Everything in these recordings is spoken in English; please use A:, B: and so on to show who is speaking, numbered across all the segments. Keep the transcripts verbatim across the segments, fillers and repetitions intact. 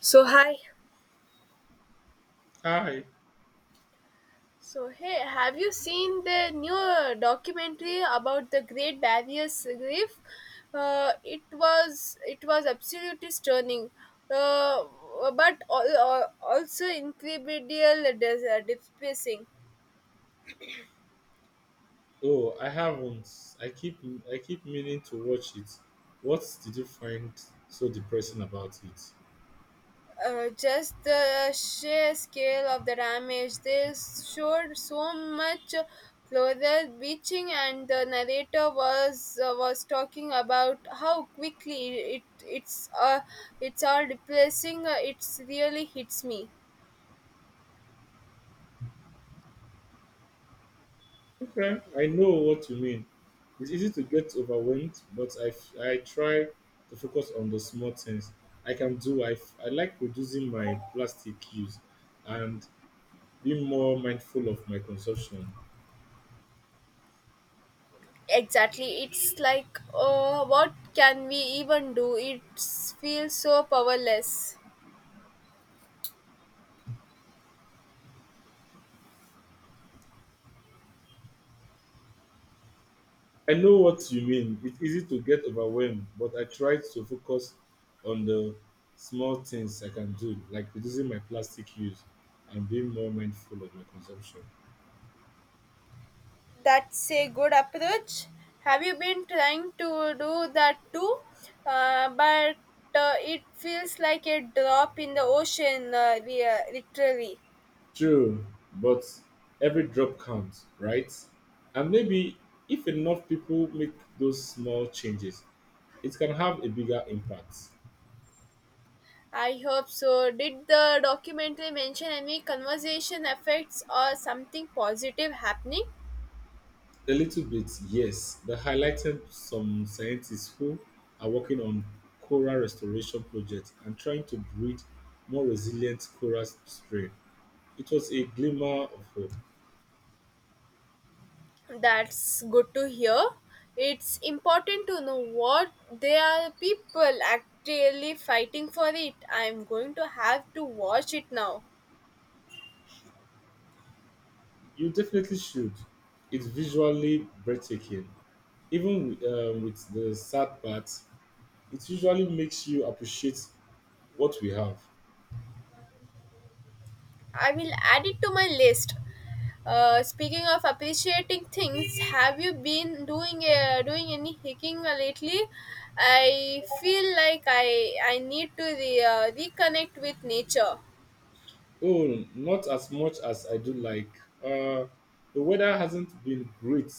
A: So hi.
B: Hi.
A: So, hey, have you seen the new uh, documentary about the Great Barrier Reef? Uh, it was it was absolutely stunning, uh, but al- al- also incredible, dis- uh, depressing.
B: Oh, I haven't. I keep I keep meaning to watch it. What did you find so depressing about it?
A: Uh, just the sheer scale of the damage. They showed so much clothes beaching, and the narrator was uh, was talking about how quickly it it's uh, it's all replacing. Uh, it's really hits me.
B: Okay, I know what you mean. It's easy to get overwhelmed, but I, f- I try to focus on the small things I can do. I, f- I like reducing my plastic use and being more mindful of my consumption.
A: Exactly, it's like uh, what can we even do? It feels so powerless.
B: I know what you mean. It's easy to get overwhelmed, but I try to focus on the small things I can do, like reducing my plastic use and being more mindful of my consumption.
A: That's a good approach. Have you been trying to do that too? Uh, but uh, it feels like a drop in the ocean, uh, rea- literally.
B: True, but every drop counts, right? And maybe if enough people make those small changes, it can have a bigger impact.
A: I hope so. Did the documentary mention any conversation effects or something positive happening?
B: A little bit, yes. They highlighted some scientists who are working on coral restoration projects and trying to breed more resilient coral strain. It was a glimmer of hope.
A: That's good to hear. It's important to know what there are people actually fighting for it. I'm going to have to watch it now.
B: You definitely should. It's visually breathtaking. Even with, um, with the sad parts, it usually makes you appreciate what we have.
A: I will add it to my list. Uh, speaking of appreciating things, have you been doing uh, doing any hiking lately? I feel like I I need to re, uh, reconnect with nature.
B: Oh, not as much as I do like. Uh, the weather hasn't been great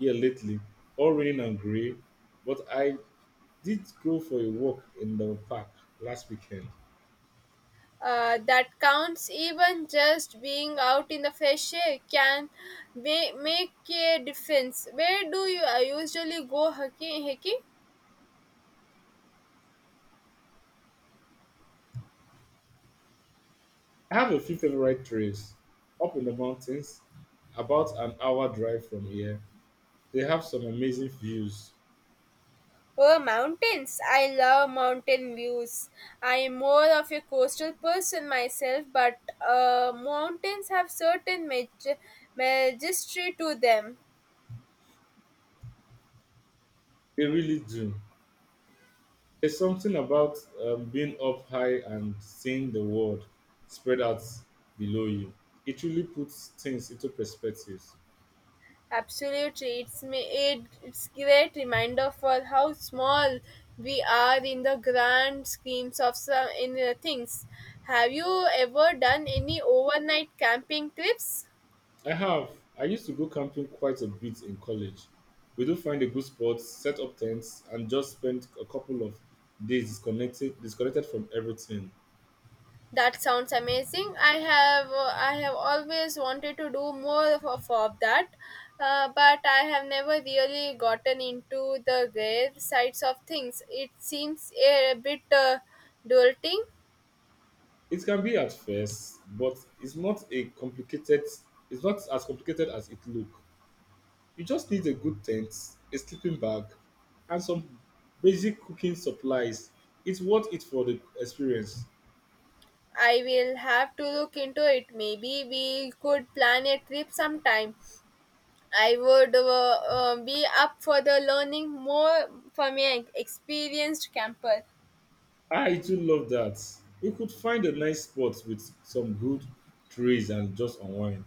B: here lately, all raining and grey, but I did go for a walk in the park last weekend.
A: Uh, that counts even just being out in the fresh air can ma- make a difference. Where do you uh, usually go hiking? hiking?
B: I have a few favorite trails up in the mountains, about an hour drive from here. They have some amazing views.
A: Oh, mountains! I love mountain views. I am more of a coastal person myself, but uh, mountains have certain maj- majesty to them.
B: They really do. There's something about um, being up high and seeing the world spread out below you. It really puts things into perspective.
A: Absolutely, it's me. It, It's great reminder for how small we are in the grand schemes of some in uh, things. Have you ever done any overnight camping trips?
B: I have. I used to go camping quite a bit in college. We do find a good spot, set up tents, and just spend a couple of days disconnected disconnected from everything.
A: That sounds amazing. I have uh, I have always wanted to do more of, of of that, uh, but I have never really gotten into the rare sides of things. It seems a bit uh, daunting.
B: It can be at first, but it's not a complicated it's not as complicated as it look. You just need a good tent, a sleeping bag, and some basic cooking supplies. It's worth it for the experience.
A: I will have to look into it. Maybe we could plan a trip sometime. I would uh, uh, be up for the learning more from an experienced camper.
B: I too love that. You could find a nice spot with some good trees and just unwind.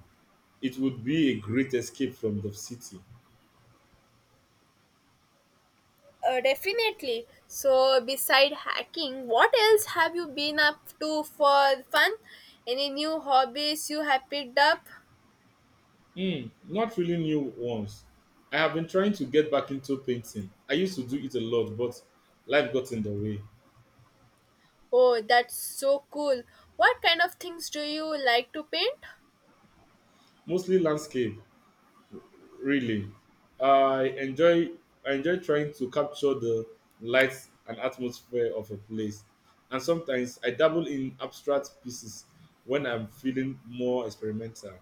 B: It would be a great escape from the city.
A: Uh, definitely. So, beside hacking, what else have you been up to for fun? Any new hobbies you have picked up?
B: Hmm, not really new ones. I have been trying to get back into painting. I used to do it a lot, but life got in the way.
A: Oh, that's so cool. What kind of things do you like to paint?
B: Mostly landscape, really. I enjoy I enjoy trying to capture the lights and atmosphere of a place. And sometimes I dabble in abstract pieces when I'm feeling more experimental.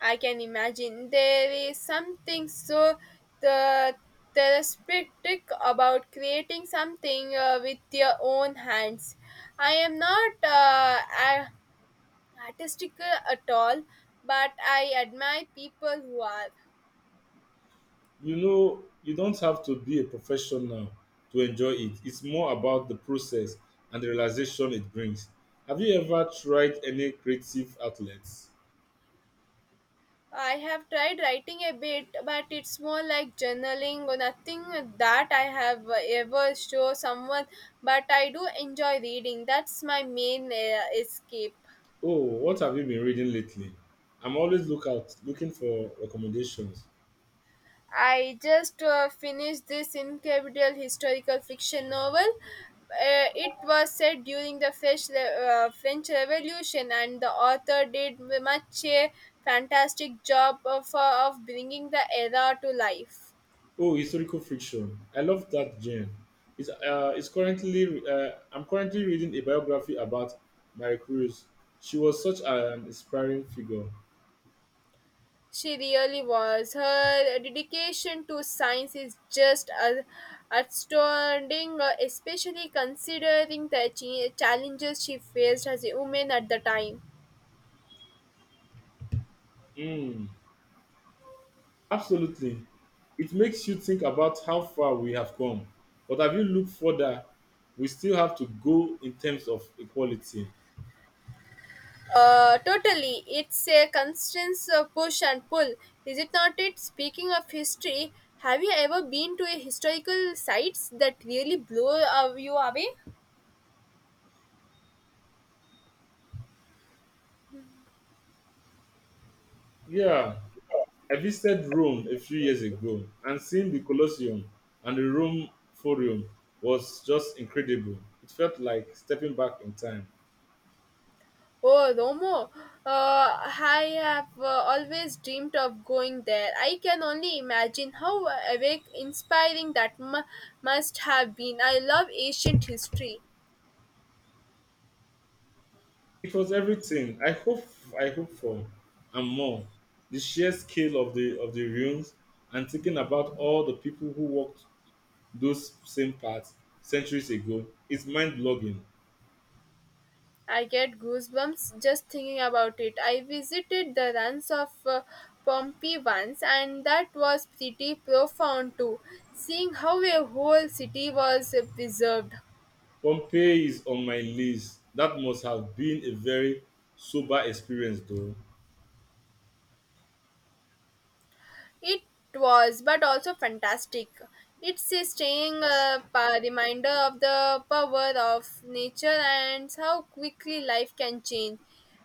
A: I can imagine there is something so the therapeutic about creating something uh, with your own hands. I am not uh, a- artistic at all, but I admire people who are.
B: You know you don't have to be a professional to enjoy it. It's more about the process and the realization it brings. Have you ever tried any creative outlets?
A: I have tried writing a bit, but it's more like journaling or nothing that I have ever show someone. But I do enjoy reading. That's my main uh, escape.
B: Oh, what have you been reading lately? I'm always look out looking for recommendations.
A: I just uh, finished this incredible historical fiction novel. Uh, it was set during the French, Re- uh, French Revolution, and the author did much a fantastic job of, uh, of bringing the era to life.
B: Oh, historical fiction, I love that genre. It's uh it's currently uh, i'm currently reading a biography about Mary Cruz. She was such an inspiring figure.
A: She really was. Her dedication to science is just a- outstanding, uh, especially considering the ch- challenges she faced as a woman at the time.
B: Hmm. Absolutely. It makes you think about how far we have come. But have you looked further? We still have to go in terms of equality.
A: Uh, totally, it's a constant uh, push and pull, is it not? It speaking of history, have you ever been to a historical sites that really blow uh, you away?
B: Yeah, I visited Rome a few years ago, and seeing the Colosseum and the Rome Forum was just incredible. It felt like stepping back in time.
A: Oh, Romo, uh, I have uh, always dreamed of going there. I can only imagine how awake, inspiring that mu must have been. I love ancient history.
B: It was everything I hope I hope for and more. The sheer scale of the of the rooms and thinking about all the people who worked those same parts centuries ago is mind blogging.
A: I get goosebumps just thinking about it. I visited the ruins of uh, Pompeii once, and that was pretty profound too, seeing how a whole city was uh, preserved.
B: Pompeii is on my list. That must have been a very sober experience, though.
A: It was, but also fantastic. It's a staying
B: Because
A: uh, pa- reminder of the power of nature and how quickly life can change.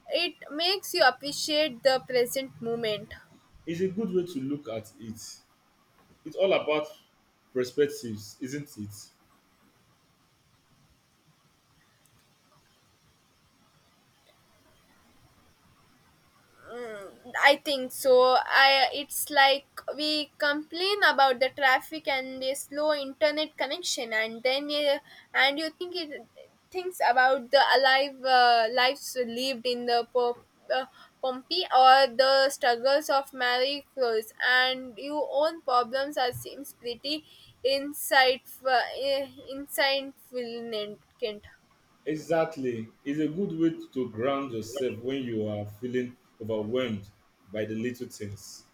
A: It makes you appreciate the present moment.
B: it's a good way to look at it. It's all about perspectives, isn't it?
A: I think so. I it's like we complain about the traffic and the slow internet connection, and then you, and you think it thinks about the alive uh, lives lived in the po- uh, Pompeii or the struggles of Marie Curie, and your own problems are seems pretty insightful, uh, insightful.
B: Exactly. It's a good way to ground yourself when you are feeling overwhelmed by the little things.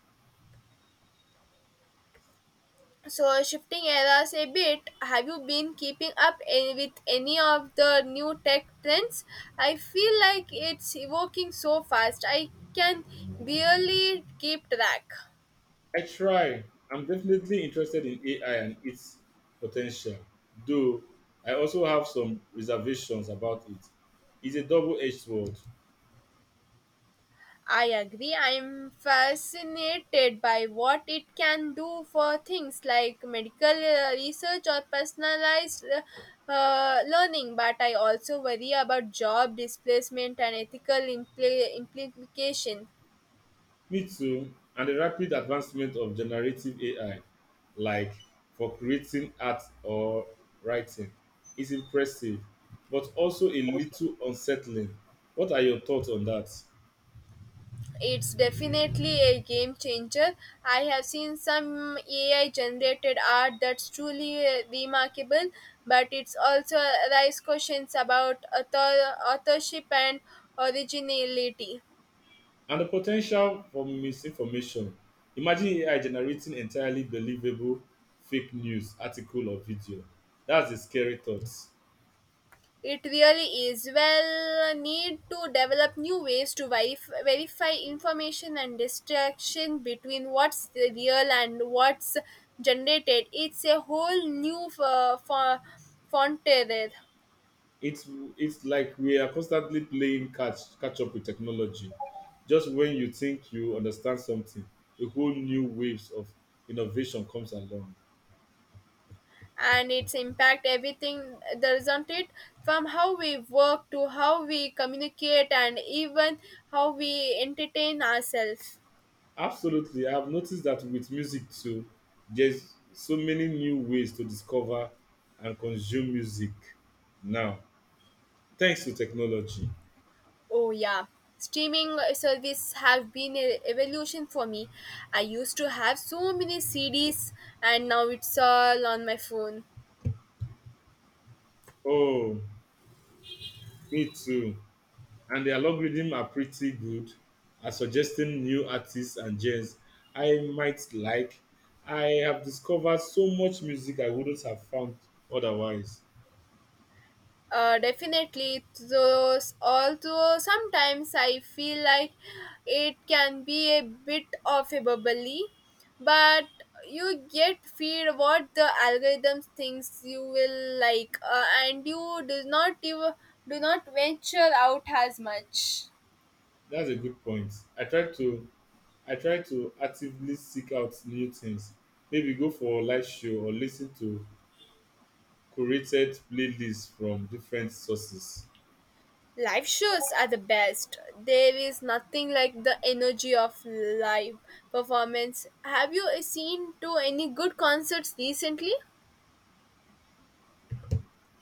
A: So shifting eras a bit, have you been keeping up a- with any of the new tech trends? I feel like it's evolving so fast. I can barely keep track.
B: I try. I'm definitely interested in A I and its potential, though I also have some reservations about it. It's a double edged sword.
A: I agree. I'm fascinated by what it can do for things like medical uh, research or personalized uh, uh, learning, but I also worry about job displacement and ethical impl- implication.
B: Me too, and the rapid advancement of generative A I, like for creating art or writing, is impressive, but also a little unsettling. What are your thoughts on that?
A: It's definitely a game changer. I have seen some A I generated art that's truly uh, remarkable, but it's also raised questions about author- authorship and originality.
B: And the potential for misinformation. Imagine A I generating entirely believable fake news article or video. That's a scary thought.
A: It really is. Well, need to develop new ways to verif- verify information and distraction between what's real and what's generated. It's a whole new uh, fo- frontier.
B: It's it's like we are constantly playing catch catch up with technology. Just when you think you understand something, a whole new waves of innovation comes along.
A: And its impact everything there isn't it, from how we work to how we communicate and even how we entertain ourselves.
B: Absolutely, I've noticed that with music too. There's so many new ways to discover and consume music now, thanks to technology.
A: Oh yeah, streaming service have been a evolution for me. I used to have so many C Ds, and now it's all on my phone.
B: Oh, me too. And the algorithm are pretty good at suggesting new artists and genres I might like. I have discovered so much music I wouldn't have found otherwise.
A: Uh, definitely. So, although sometimes I feel like it can be a bit of a bubbly, but you get feed what the algorithm thinks you will like, uh, and you do not you do not venture out as much.
B: That's a good point. I try to I try to actively seek out new things. Maybe go for a live show or listen to curated playlists from different sources.
A: Live shows are the best. There is nothing like the energy of live performance. Have you seen to any good concerts recently?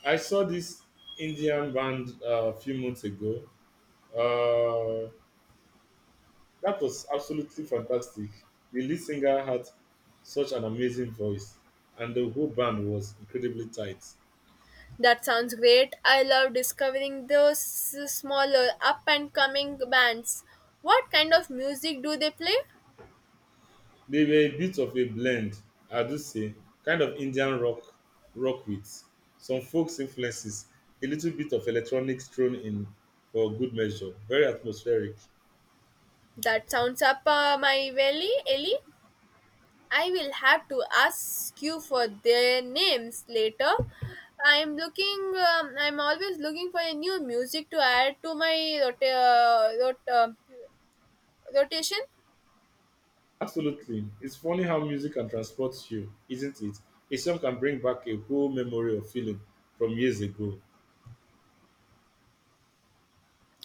B: I saw this Indian band uh, a few months ago. Uh, That was absolutely fantastic. The lead singer had such an amazing voice, and the whole band was incredibly tight.
A: That sounds great. I love discovering those smaller up and coming bands. What kind of music do they play?
B: They were a bit of a blend, I do say, kind of Indian rock, rock with some folks influences, a little bit of electronics thrown in for good measure. Very atmospheric.
A: That sounds up uh, my valley, Ellie. I will have to ask you for their names later. I'm looking. Um, I'm always looking for a new music to add to my rota- uh, rot- uh, rotation.
B: Absolutely, it's funny how music can transport you, isn't it? A song can bring back a whole memory or feeling from years ago.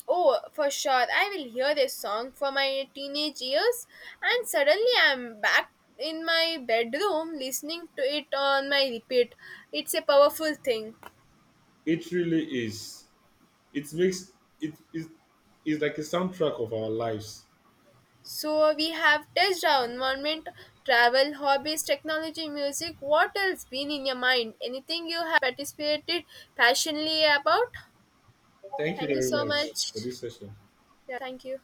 A: Oh, for sure. I will hear a song from my teenage years, and suddenly I'm back in my bedroom listening to it on my repeat. It's a powerful thing.
B: It really is. It makes it is is like a soundtrack of our lives.
A: So, we have touched our environment, travel, hobbies, technology, music. What else been in your mind? Anything you have participated passionately about?
B: Thank you
A: Thank you
B: very
A: so
B: much for
A: much.
B: this session.
A: Yeah, thank you.